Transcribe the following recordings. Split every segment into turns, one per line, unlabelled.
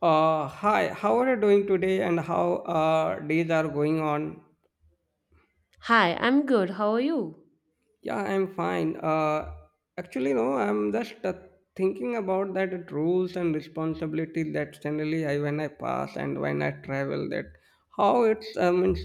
Hi, how are you doing today and how days are going on?
Hi, I'm good. How are you?
Yeah, I'm fine. Actually, no, I'm just thinking about that rules and responsibilities that generally I when I pass and when I travel that how it's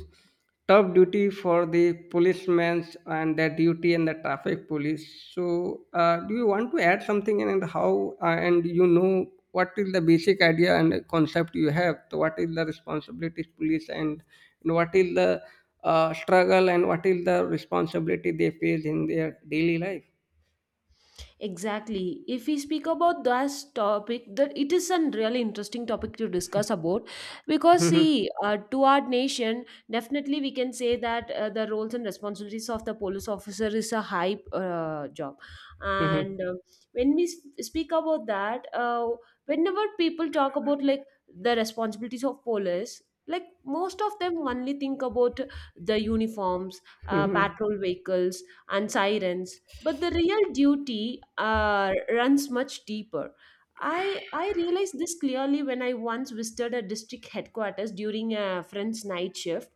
tough duty for the policemen and their duty and the traffic police. So, do you want to add something and how and you know what is the basic idea and concept you have? So, what is the responsibilities police and what is the struggle and what is the responsibility they face in their daily life.
Exactly. If we speak about this topic, that it is a really interesting topic to discuss about, because
Mhm,
see, to our nation, definitely we can say that the roles and responsibilities of the police officer is a high job,
mhm,
and when we speak about that, whenever people talk about like the responsibilities of police. Like most of them only think about the uniforms,
mhm,
patrol vehicles, and sirens, but the real duty runs much deeper. I realized this clearly when I once visited a district headquarters during a friend's night shift.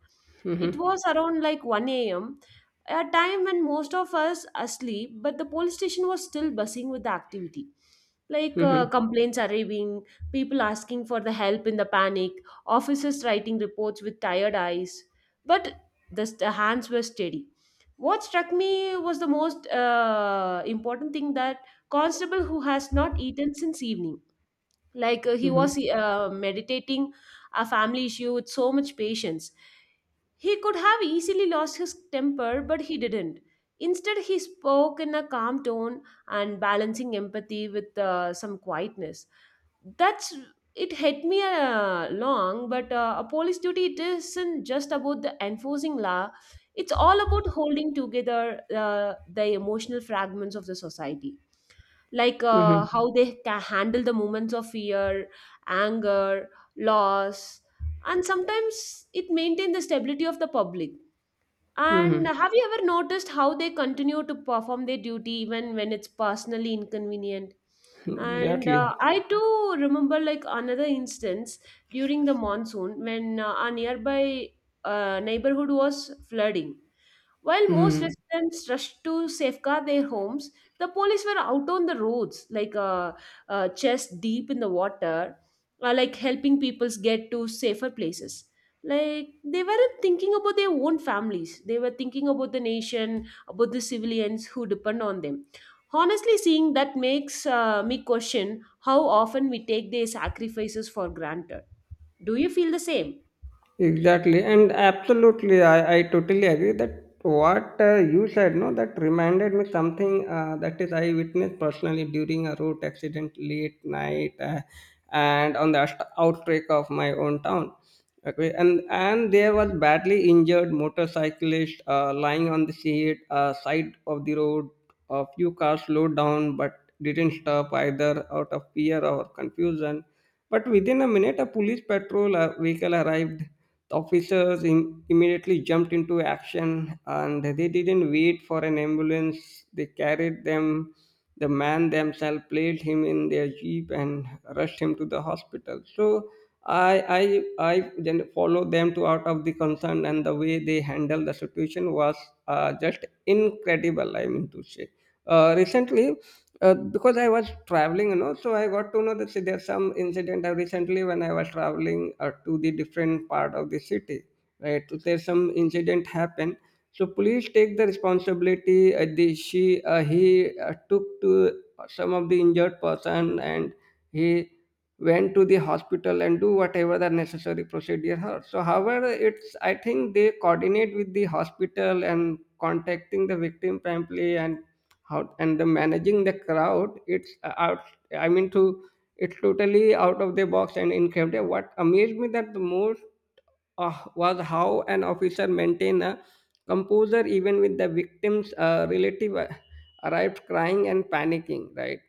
It
mhm,
was around like 1 a.m., a time when most of us asleep, but the police station was still buzzing with the activity. Like
mhm,
complaints arriving, people asking for the help in the panic, officers writing reports with tired eyes. But the hands were steady. What struck me was the most important thing that constable who has not eaten since evening, like uh, he was
mhm,
uh, meditating a family issue with so much patience. He could have easily lost his temper, but he didn't. Instead, he spoke in a calm tone and balancing empathy with some quietness. That's, it hit me long, but a police duty, it isn't just about the enforcing law, it's all about holding together the emotional fragments of the society, like
mhm,
how they can handle the moments of fear, anger, loss, and sometimes it maintain the stability of the public. And
mhm.
have you ever noticed how they continue to perform their duty even when it's personally inconvenient? And
Exactly.
I too remember like another instance during the monsoon when our nearby neighborhood was flooding. While most
Mm.
residents rushed to safeguard their homes, the police were out on the roads, like chest deep in the water, like helping people get to safer places. Like they weren't thinking about their own families; they were thinking about the nation, about the civilians who depend on them. Honestly, seeing that makes me question how often we take their sacrifices for granted. Do you feel the same?
Exactly, and absolutely, I totally agree that what you said, no, that reminded me something that is I witnessed personally during a road accident late night and on the outbreak of my own town. Okay, and there was badly injured motorcyclist lying on the side of the road. A few cars slowed down but didn't stop either out of fear or confusion but within a minute, a police patrol vehicle arrived. The officers immediately jumped into action and they didn't wait for an ambulance. They carried them. The man themselves placed him in their jeep and rushed him to the hospital. So I then followed them to out of the concern, and the way they handled the situation was just incredible. I mean to say recently because I was traveling you know so I got to know that see, there's some incident recently when I was traveling to the different part of the city right so there's some incident happened so police take the responsibility the she he took to some of the injured person and he went to the hospital and do whatever the necessary procedure are. So, however, it's I think they coordinate with the hospital and contacting the victim promptly and how and the managing the crowd it's out I mean to it's totally out of the box and incredible what amazed me that the most was how an officer maintained a composure even with the victim's relative arrived crying and panicking right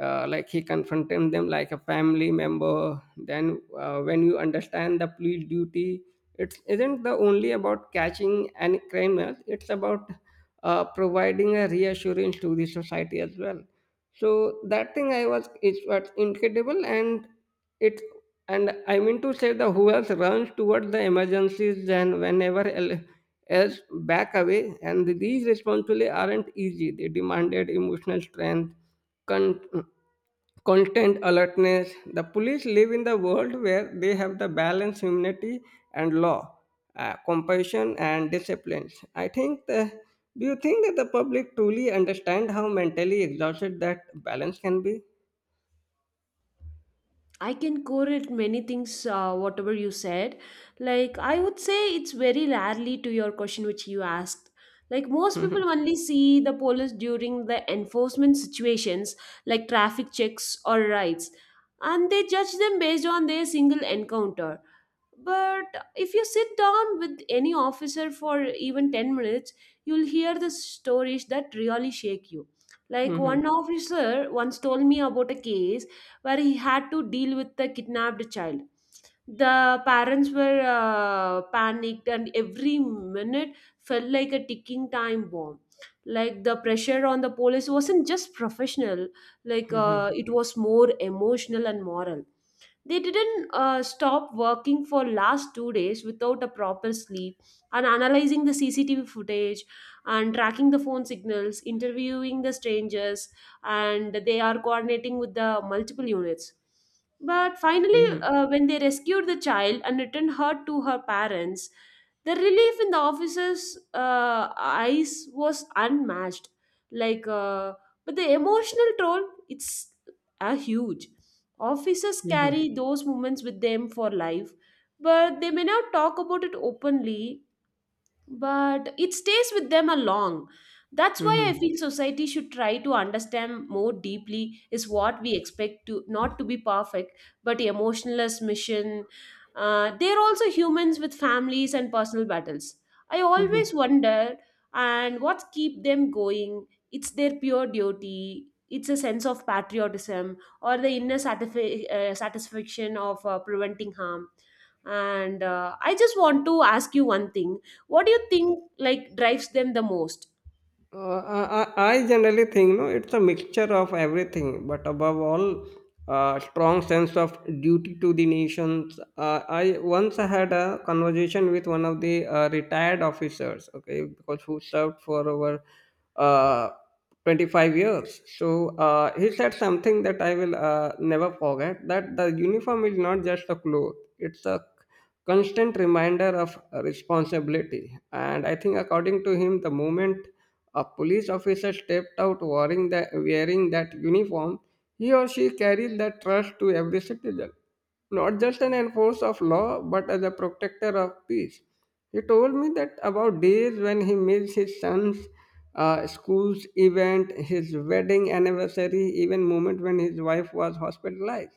like he confronted them like a family member then when you understand the police duty it isn't the only about catching any criminals it's about providing a reassurance to the society as well. So that thing I was is was incredible, it and I mean to say the who else runs towards the emergencies and whenever else back away, and these responsibilities aren't easy. They demanded emotional strength, content alertness. The police live in the world where they have the balance, humanity, and law, compassion, and disciplines. I think. The, do you think that the public truly understand how mentally exhausted that balance can be?
I can correlate many things, whatever you said. Like, I would say it's very rarely to your question which you asked. Like, most people only see the police during the enforcement situations, like traffic checks or rights, and they judge them based on their single encounter. But if you sit down with any officer for even 10 minutes, you'll hear the stories that really shake you. Like one
Mhm,
officer once told me about a case where he had to deal with a kidnapped child. The parents were panicked, and every minute felt like a ticking time bomb. Like the pressure on the police wasn't just professional, like
mhm,
it was more emotional and moral. They didn't stop working for last 2 days without a proper sleep, and analyzing the CCTV footage and tracking the phone signals, interviewing the strangers, and they are coordinating with the multiple units. But finally,
mhm, mhm,
when they rescued the child and returned her to her parents, the relief in the officer's eyes was unmatched. Like, but the emotional toll, it's huge. Officers
mhm,
carry those moments with them for life, but they may not talk about it openly, but it stays with them a long. That's why I
mhm,
feel society should try to understand more deeply, is what we expect to not to be perfect but emotionless mission. They're also humans with families and personal battles. I
mhm,
always
mhm.
wonder, and what keep them going, it's their pure duty, it's a sense of patriotism or the inner satisfaction of preventing harm. And I just want to ask you one thing, what do you think like drives them the most?
I generally think no, it's a mixture of everything, but above all, a strong sense of duty to the nations. I once had a conversation with one of the retired officers, okay, because who served for over uh, 25 years. So he said something that I will never forget that the uniform is not just a cloth, it's a constant reminder of responsibility. And I think, according to him, the moment a police officer stepped out wearing, the, wearing that uniform, he or she carried that trust to every citizen, not just an enforcer of law, but as a protector of peace. He told me that about days when he missed his son's school's event, his wedding anniversary, even moment when his wife was hospitalized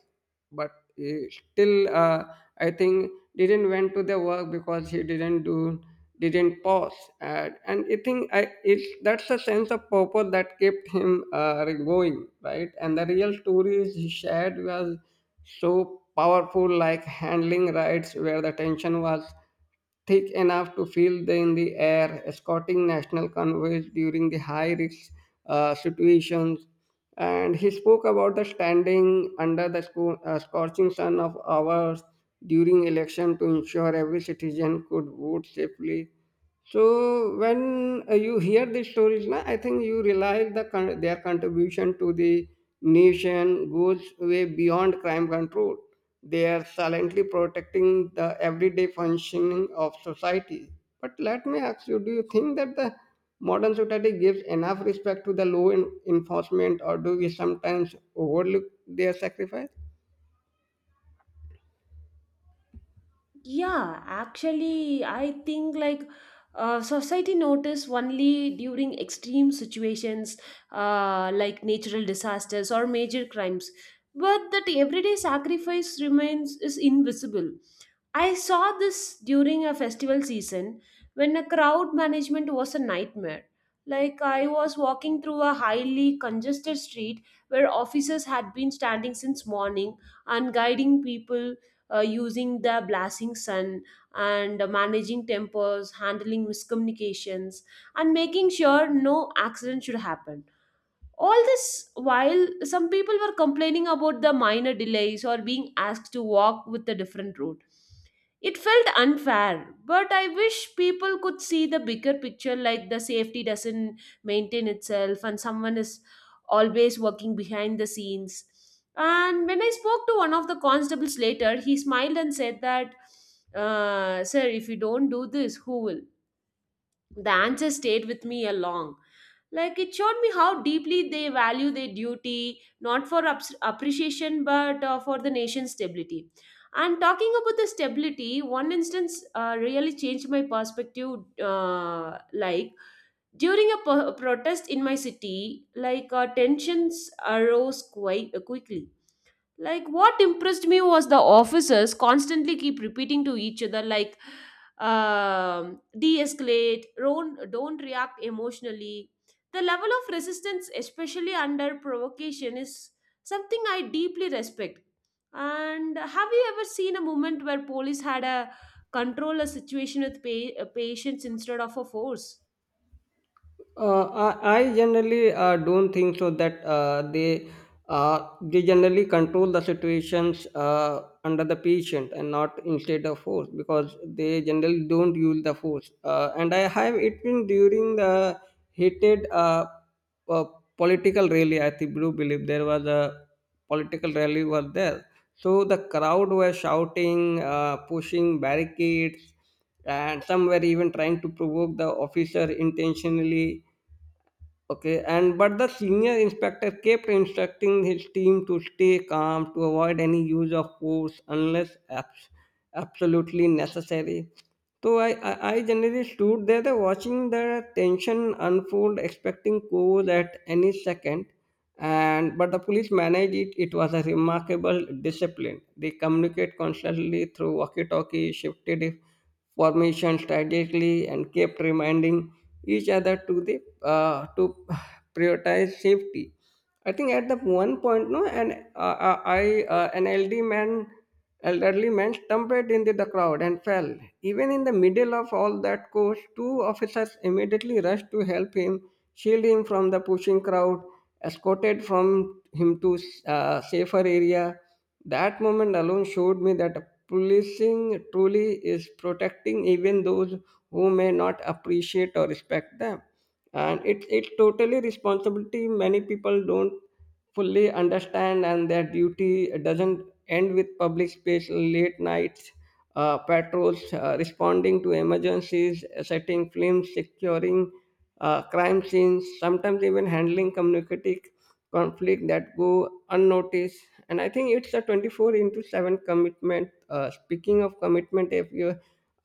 but he still I think didn't went to the work because he didn't do didn't pause and I think I it's that's a sense of purpose that kept him going right and the real stories he shared was so powerful like handling riots where the tension was thick enough to feel the, in the air, escorting national convoys during the high risk situations. And he spoke about the standing under the scorching sun of hours during election to ensure every citizen could vote safely. So when you hear these stories, na, I think you realize the their contribution to the nation goes way beyond crime control. They are silently protecting the everyday functioning of society. But let me ask you: Do you think that the modern society gives enough respect to the law enforcement, or do we sometimes overlook their sacrifice?
Yeah, actually, I think like society notice only during extreme situations, like natural disasters or major crimes, but that everyday sacrifice remains is invisible. I saw this during a festival season when a crowd management was a nightmare. Like I was walking through a highly congested street where officers had been standing since morning and guiding people using the blasting sun and managing tempers, handling miscommunications, and making sure no accident should happen. All this while some people were complaining about the minor delays or being asked to walk with a different route. It felt unfair, but I wish people could see the bigger picture, like the safety doesn't maintain itself and someone is always working behind the scenes. And when I spoke to one of the constables later, he smiled and said that, Sir, if you don't do this, who will? The answer stayed with me a long, like it showed me how deeply they value their duty, not for appreciation but for the nation's stability. And talking about the stability, one instance really changed my perspective, like during a a protest in my city, like tensions arose quite quickly. Like, what impressed me was the officers constantly keep repeating to each other, like, de escalate, don't react emotionally. The level of resistance, especially under provocation, is something I deeply respect. And have you ever seen a moment where police had a control a situation with patience instead of a force?
I generally don't think so that they generally control the situations under the patient and not instead of force because they generally don't use the force. And I have it been during the heated well, political rally, I think do believe there was a political rally was there. So the crowd were shouting, pushing barricades, and some were even trying to provoke the officer intentionally. Okay, and but the senior inspector kept instructing his team to stay calm, to avoid any use of force unless absolutely necessary. So I generally stood there watching the tension unfold, expecting calls at any second. And but the police managed it. It was a remarkable discipline. They communicate constantly through walkie-talkie, shifted formation strategically and kept reminding each other to the to prioritize safety. I think at the one point, no, and I an elderly man stumbled into the crowd and fell. Even in the middle of all that course, two officers immediately rushed to help him, shield him from the pushing crowd, escorted from him to safer area that moment alone showed me that policing truly is protecting even those who may not appreciate or respect them. And it's totally responsibility many people don't fully understand, and their duty doesn't end with public space, late nights, patrols, responding to emergencies, setting flames, securing crime scenes, sometimes even handling communicative conflict that go unnoticed. And I think it's a 24 into 7 commitment. Speaking of commitment, if you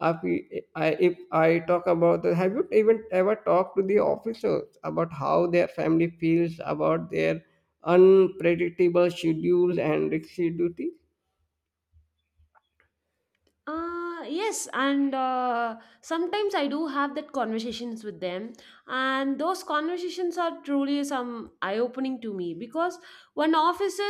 if, we- I, if I talk about the, have you even ever talked to the officers about how their family feels about their unpredictable schedules and risky duty?
Yes, and sometimes I do have that conversations with them, and those conversations are truly some eye-opening to me because one officer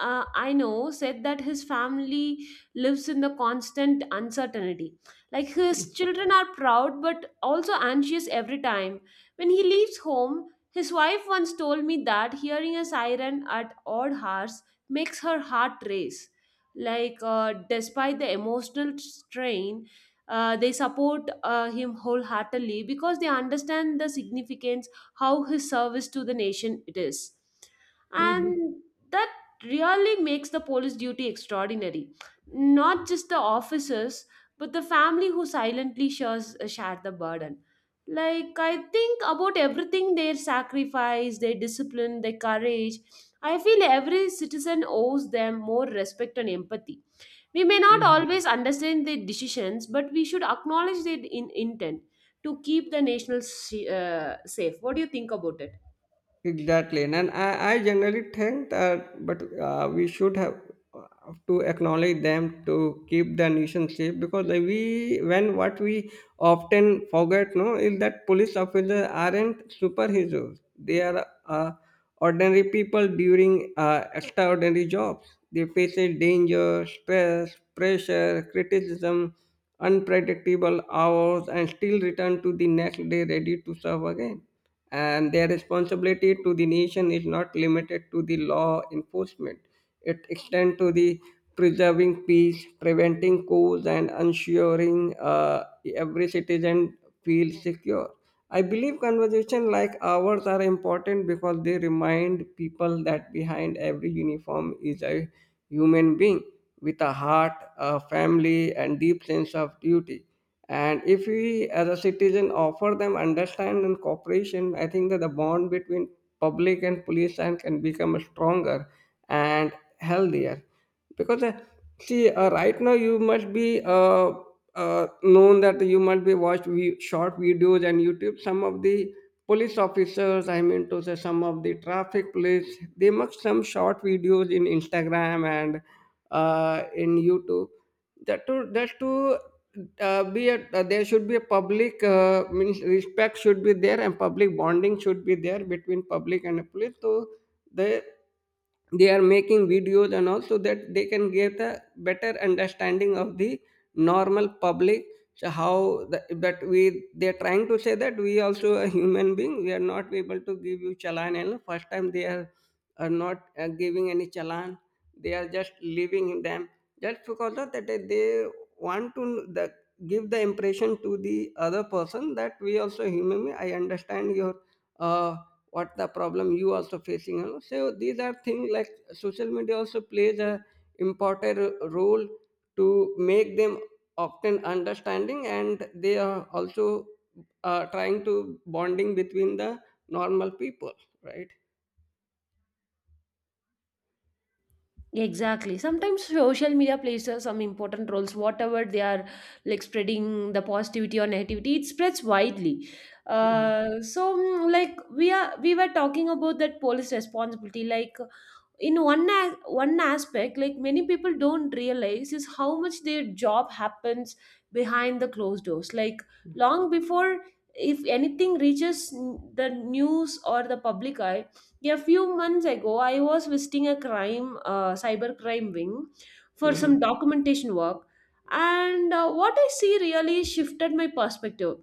I know said that his family lives in the constant uncertainty. Like his children are proud but also anxious every time. When he leaves home, his wife once told me that hearing a siren at odd hours makes her heart race, like despite the emotional strain, they support him wholeheartedly because they understand the significance, how his service to the nation it is.
Hmm.
And that really makes the police duty extraordinary, not just the officers but the family who silently share the burden. Like I think about everything, their sacrifice, their discipline, their courage, I feel every citizen owes them more respect and empathy. We may not always understand their decisions, but we should acknowledge their intent to keep the national safe. What do you think about it?
Exactly, and I generally think that, but we should have to acknowledge them to keep the nation safe because like we, when what we often forget, no, is that police officers aren't superheroes. They are ordinary people during extraordinary jobs. They face a danger, stress, pressure, criticism, unpredictable hours, and still return to the next day ready to serve again and their responsibility to the nation is not limited to the law enforcement. It extends to the preserving peace, preventing coups, and ensuring every citizen feels secure. I believe conversations like ours are important because they remind people that behind every uniform is a human being with a heart, a family, and deep sense of duty. And if we, as a citizen, offer them understanding and cooperation, I think that the bond between public and police and can become stronger and healthier. Because See, right now you must be known that you must be watched short videos and YouTube. Some of the police officers, I mean to say, some of the traffic police, they make some short videos in Instagram and in YouTube that to that to be a there should be a public means respect should be there and public bonding should be there between public and the police so the they are making videos and also that they can get a better understanding of the normal public so how the, but we they are trying to say that we also a human being we are not able to give you challan and first time are not giving any challan they are just leaving in them just because of that they want to give the impression to the other person that we also human being. I understand your uh, what the problem you also facing you know? So these are things like social media also plays a important role to make them often understanding and they are also trying to bonding between the normal people right.
Exactly. Sometimes social media plays some important roles. Whatever they are, like spreading the positivity or negativity, it spreads widely.
Mhm.
So, like we were talking about that police responsibility. Like in one aspect, like many people don't realize is how much their job happens behind the closed doors, like long before, if anything reaches the news or the public eye. A few months ago I was visiting a crime cyber crime wing for some
Mhm.
documentation work, and what I see really shifted my perspective.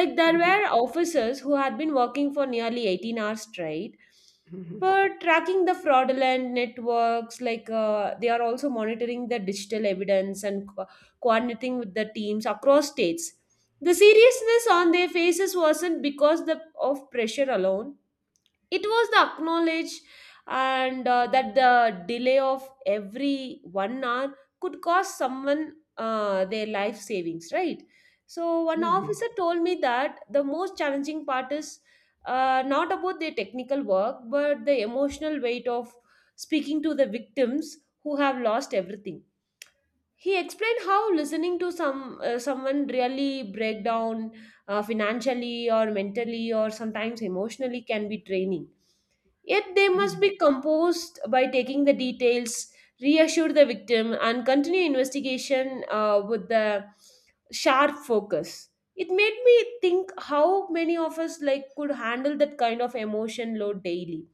Like there
Mhm.
were officers who had been working for nearly 18 hours straight
Mhm.
but tracking the fraudulent networks, like they are also monitoring the digital evidence and coordinating with the teams across states. The seriousness on their faces wasn't because of pressure alone, it was the acknowledge, and that the delay of every 1 hour could cost someone their life savings, right? So one officer told me that the most challenging part is not about their technical work but the emotional weight of speaking to the victims who have lost everything. He explained how listening to someone really break down financially or mentally or sometimes emotionally can be draining. Yet they must
Mhm.
be composed by taking the details, reassure the victim, and continue investigation with the sharp focus. It made me think how many of us like could handle that kind of emotion load daily,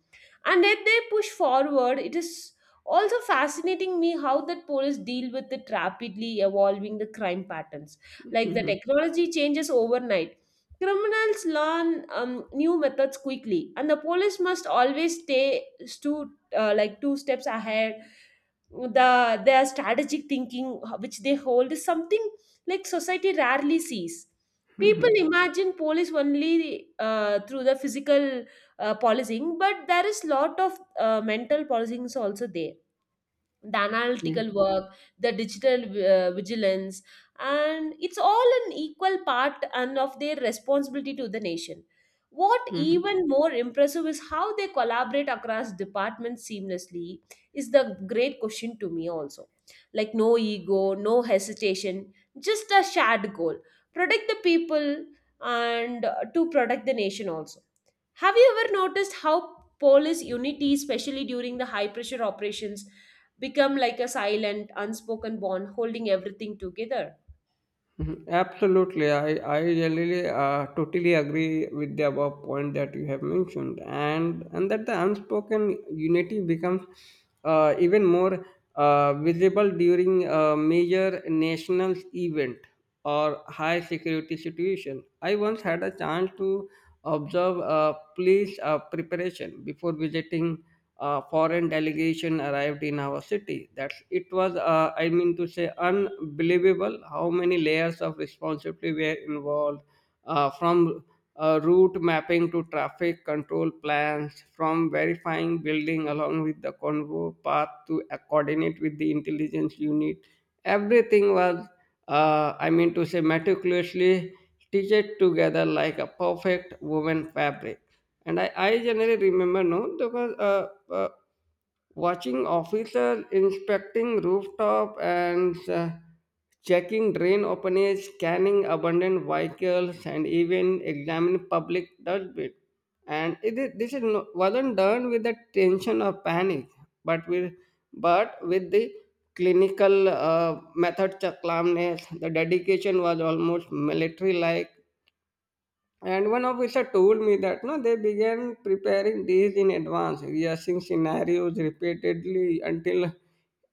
and yet they push forward. It is also fascinating me how that police deal with it, rapidly evolving the crime patterns, like the
Mhm.
technology changes overnight, criminals learn new methods quickly, and the police must always stay two like two steps ahead. The their strategic thinking which they hold is something like society rarely sees. People
Mhm.
imagine police only through the physical policing, but there is lot of mental policing is also there, the analytical
Mhm.
work, the digital vigilance, and it's all an equal part and of their responsibility to the nation. What
Mhm.
even more impressive is how they collaborate across departments seamlessly, is the great question to me also. Like no ego, no hesitation, just a shared goal, protect the people and to protect the nation also. Have you ever noticed how police unity, especially during the high pressure operations, become like a silent, unspoken bond holding everything together?
Mhm. Absolutely, I really totally agree with the above point that you have mentioned, and that the unspoken unity becomes even more visible during a major national event or high security situation. I once had a chance to observe a police preparation before visiting a foreign delegation arrived in our city. That's it was I mean to say unbelievable how many layers of responsibility were involved from route mapping to traffic control plans, from verifying building along with the convoy path to coordinate with the intelligence unit. Everything was I mean to say meticulously stitched together like a perfect woven fabric, and I generally remember no because uh, watching officers inspecting rooftop and checking drain openings, scanning abandoned vehicles, and even examining public dustbin, and this is no, wasn't done with the tension or panic, but with but with the clinical method, calmness. The dedication was almost military like, and one officer told me that no, they began preparing days in advance, rehearsing scenarios repeatedly until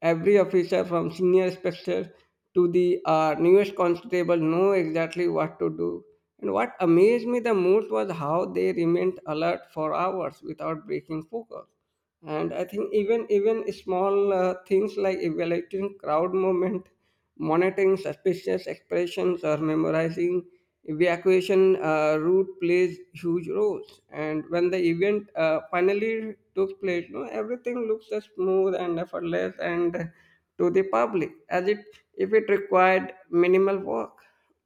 every officer from senior inspector to the newest constable know exactly what to do. And what amazed me the most was how they remained alert for hours without breaking focus, and I think even small things like evaluating crowd movement, monitoring suspicious expressions, or memorizing evacuation route plays huge roles. And when the event finally took place no everything looks as smooth and effortless and to the public as it if it required minimal work.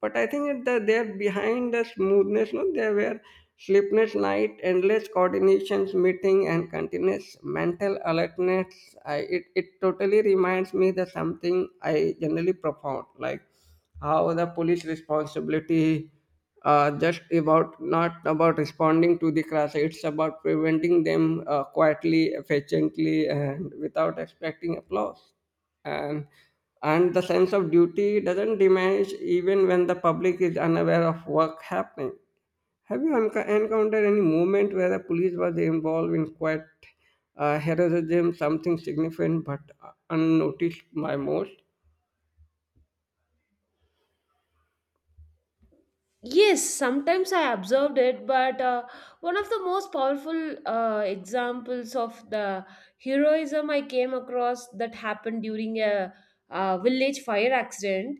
But I think that they're behind the smoothness, no? There were sleepless night, endless coordinations, meeting, and continuous mental alertness. It totally reminds me that something I generally profound, like how the police responsibility just about not about responding to the crash. It's about preventing them quietly, efficiently, and without expecting applause, and and the sense of duty doesn't diminish even when the public is unaware of work happening. Have you encountered any moment where the police was involved in quite heroism, something significant but unnoticed by most?
Yes, sometimes I observed it, but one of the most powerful examples of the heroism I came across that happened during a village fire accident.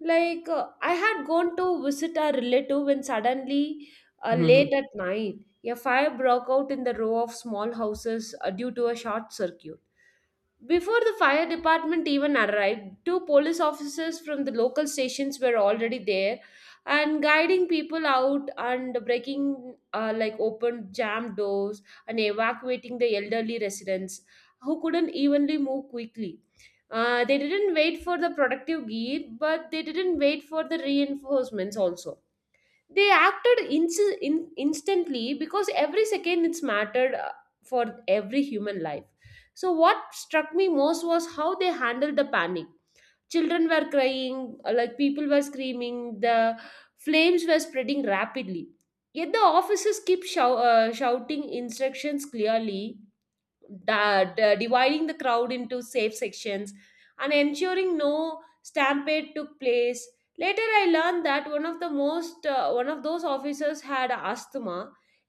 I had gone to visit a relative when suddenly, late at night, a fire broke out in the row of small houses due to a short circuit. Before the fire department even arrived, two police officers from the local stations were already there and guiding people out and breaking open jammed doors and evacuating the elderly residents who couldn't evenly move quickly. They didn't wait for the productive gear, but they didn't wait for the reinforcements also. They acted instantly because every second it's mattered, for every human life. So what struck me most was how they handled the panic. Children were crying, people were screaming, the flames were spreading rapidly, yet the officers keep shouting instructions clearly, dividing the crowd into safe sections and ensuring no stampede took place. Later I learned that one of those officers had asthma,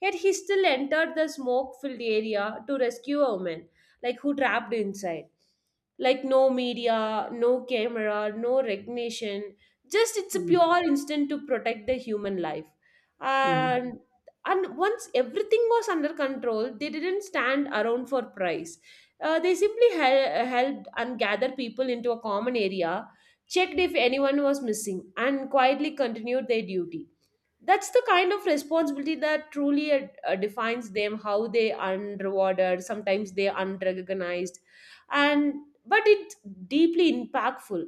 yet he still entered the smoke filled area to rescue a woman, like who trapped inside. Like no media, no camera, no recognition, just it's a pure instinct to protect the human life. and and once everything was under control, they didn't stand around for price. They simply helped and gathered people into a common area, checked if anyone was missing, and quietly continued their duty. That's the kind of responsibility that truly defines them, how they unrewarded, sometimes they unrecognized. And but it's deeply impactful.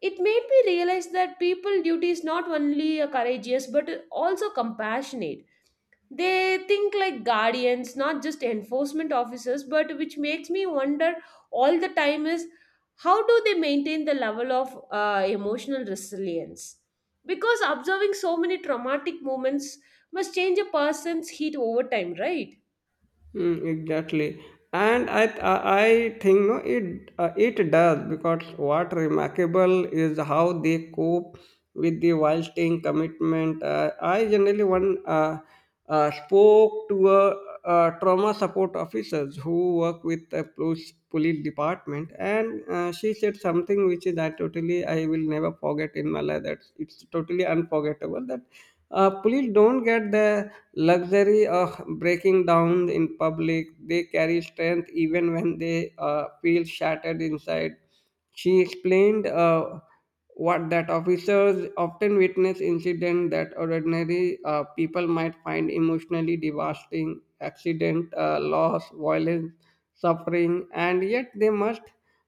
It made me realize that people duty is not only a courageous but also compassionate. They think like guardians, not just enforcement officers, but which makes me wonder all the time is, how do they maintain the level of emotional resilience? Because observing so many traumatic moments must change a person's heat over time, right?
Mm, exactly, and I think no, it it does because what remarkable is how they cope with the wild staying commitment. I generally one spoke to a, trauma support officers who work with the police department, and she said something which is I will never forget in my life. That it's totally unforgettable that police don't get the luxury of breaking down in public. They carry strength even when they feel shattered inside. She explained what that officers often witness incidents that ordinary people might find emotionally devastating accident, loss, violence, suffering, and yet they must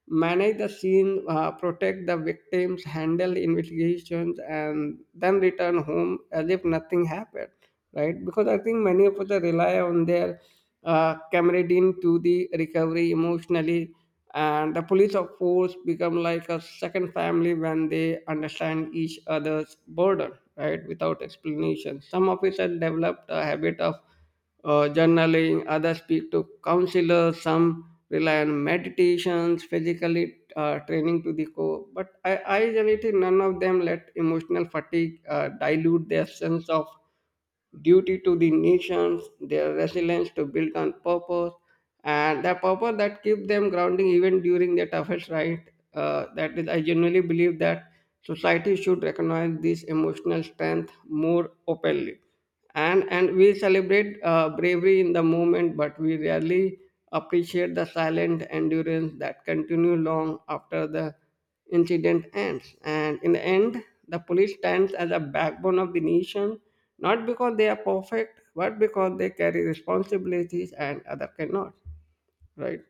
manage the scene, protect the victims, handle investigations, and then return home as if nothing happened, right? Because I think many of us rely on their camaraderie to the recovery emotionally, and the police, of course, become like a second family when they understand each other's burden, right? Without explanation, some officers developed a habit of journaling, others speak to counselors, some rely on meditations, physically training to the core. But I generally none of them let emotional fatigue dilute their sense of duty to the nations, their resilience to build on purpose, and the purpose that keep them grounding even during their toughest right. That is, I genuinely believe that society should recognize this emotional strength more openly, and we celebrate bravery in the moment but we rarely appreciate the silent endurance that continue long after the incident ends. And in the end, the police stands as a backbone of the nation, not because they are perfect but because they carry responsibilities and other cannot, right?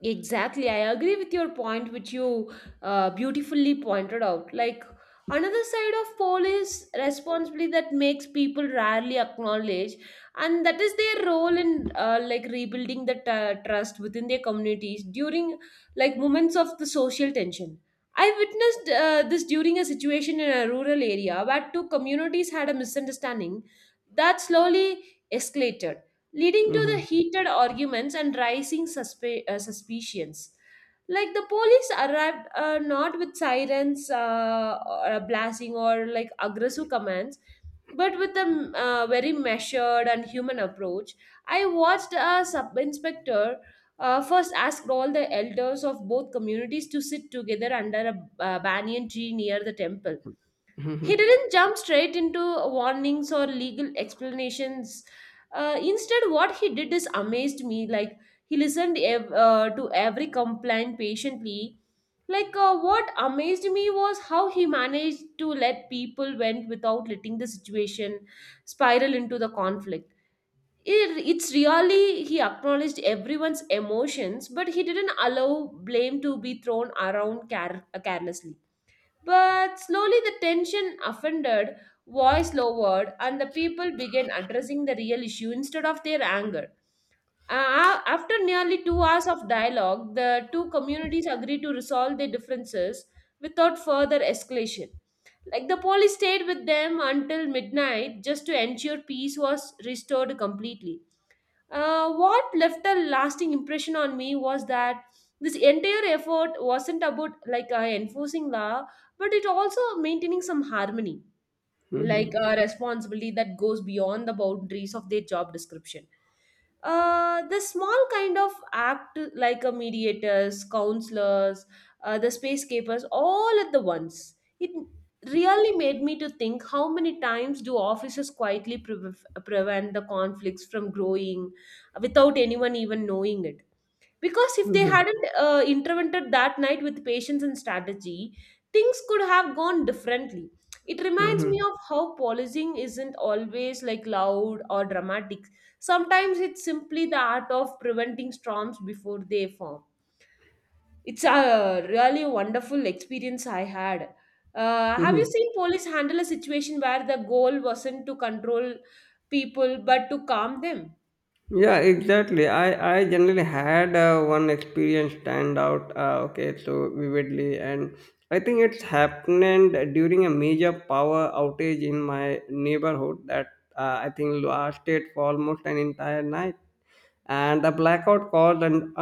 Exactly, I agree with your point, which you beautifully pointed out. Like another side of poll is responsibility that makes people rarely acknowledge, and that is their role in rebuilding the trust within their communities during like moments of the social tension. I witnessed this during a situation in a rural area where two communities had a misunderstanding that slowly escalated, leading to the
Mm-hmm.
heated arguments and rising suspicions. Like the police arrived, not with sirens, or blasting, or like aggressive commands, but with a very measured and human approach. I watched a sub inspector first asked all the elders of both communities to sit together under a banyan tree near the temple. He
Mm-hmm.
didn't jump straight into warnings or legal explanations. Instead, what he did is amazed me. Like he listened to every complaint patiently. What amazed me was how he managed to let people went without letting the situation spiral into the conflict. It's really he acknowledged everyone's emotions, but he didn't allow blame to be thrown around carelessly. But slowly the tension offended, voice lowered, and the people began addressing the real issue instead of their anger. After nearly 2 hours of dialogue, the two communities agreed to resolve their differences without further escalation. Like the police stayed with them until midnight just to ensure peace was restored completely. What left a lasting impression on me was that this entire effort wasn't about enforcing law, but it also maintaining some harmony, like
Mm-hmm.
a responsibility that goes beyond the boundaries of their job description. The small kind of act like a mediators, counselors, the space keepers, all at the once. It really made me to think, how many times do officers quietly prevent the conflicts from growing without anyone even knowing it? Because if they
Mm-hmm.
hadn't intervened that night with patience and strategy, things could have gone differently. It reminds me
Mm-hmm.
of how policing isn't always like loud or dramatic. Sometimes it's simply the art of preventing storms before they form. It's a really wonderful experience I had. Have you
Mm-hmm.
seen police handle a situation where the goal wasn't to control people but to calm them?
Yeah, exactly. I generally had one experience stand out, okay, so vividly. And I think it's happened during a major power outage in my neighborhood that I think lasted for almost an entire night. And the blackout caused an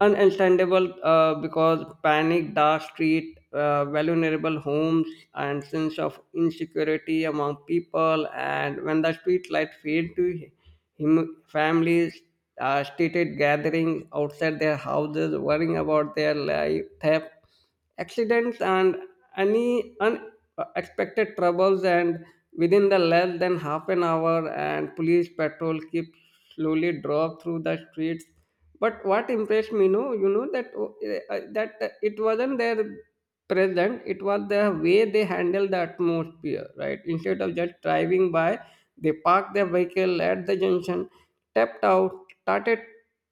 Ununderstandable because panic, dark street, vulnerable homes, and sense of insecurity among people. And when the street light failed to him, families stated gathering outside their houses, worrying about their life theft, accidents, and any unexpected troubles. And within the less than half an hour, and police patrol keep slowly drove through the streets, but what impressed me no you know that that it wasn't their present, it was the way they handled the atmosphere, right? Instead of just driving by, they parked their vehicle at the junction, tapped out, started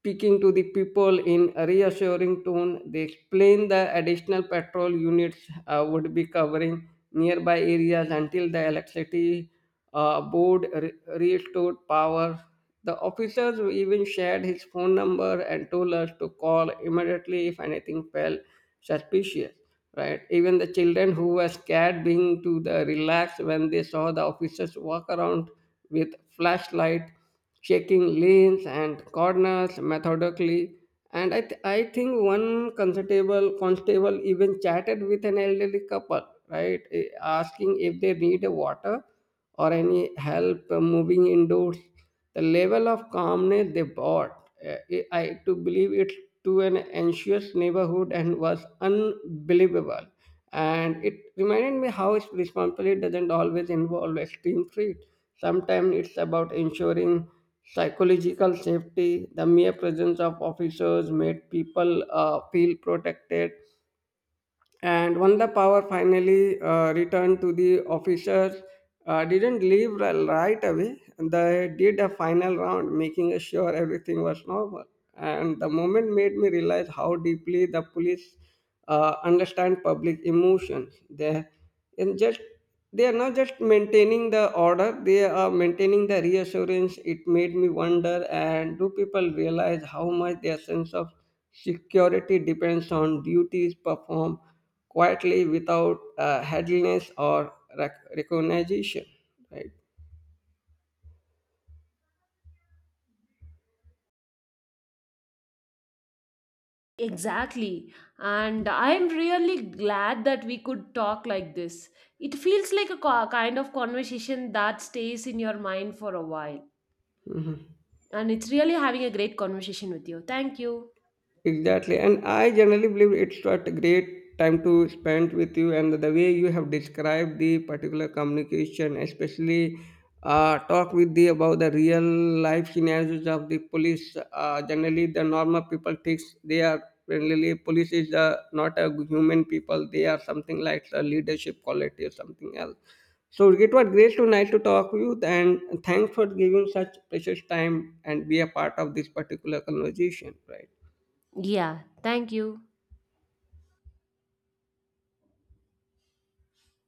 speaking to the people in a reassuring tone. They explained the additional patrol units would be covering nearby areas until the electricity restored power. The officers even shared his phone number and told us to call immediately if anything felt suspicious. Right? Even the children who were scared being to the relaxed when they saw the officers walk around with flashlight, checking lanes and corners methodically. And I think one constable even chatted with an elderly couple, right, eh, asking if they need a water or any help moving indoors. The level of calmness they brought, I to believe it to an anxious neighborhood and was unbelievable. And it reminded me how responsibility doesn't always involve extreme threat. Sometimes it's about ensuring psychological safety. The mere presence of officers made people feel protected, and when the power finally returned to the officers, didn't leave right away. They did a final round, making sure everything was normal. And the moment made me realize how deeply the police understand public emotions. And just they are not just maintaining the order, they are maintaining the reassurance. It made me wonder, and do people realize how much their sense of security depends on duties performed quietly without headliness or recognition, right?
Exactly. And I'm really glad that we could talk like this. It feels like a kind of conversation that stays in your mind for a while.
Mhm.
And it's really having a great conversation with you. Thank you.
Exactly. And I generally believe it's not a great time to spend with you. And the way you have described the particular communication, especially talk with the about the real life scenarios of the police. Generally, the normal people thinks they are generally police is not a human people. They are something like a leadership quality or something else. So it was great to nice to talk with you and thanks for giving such precious time and be a part of this particular conversation. Right.
Yeah, thank you.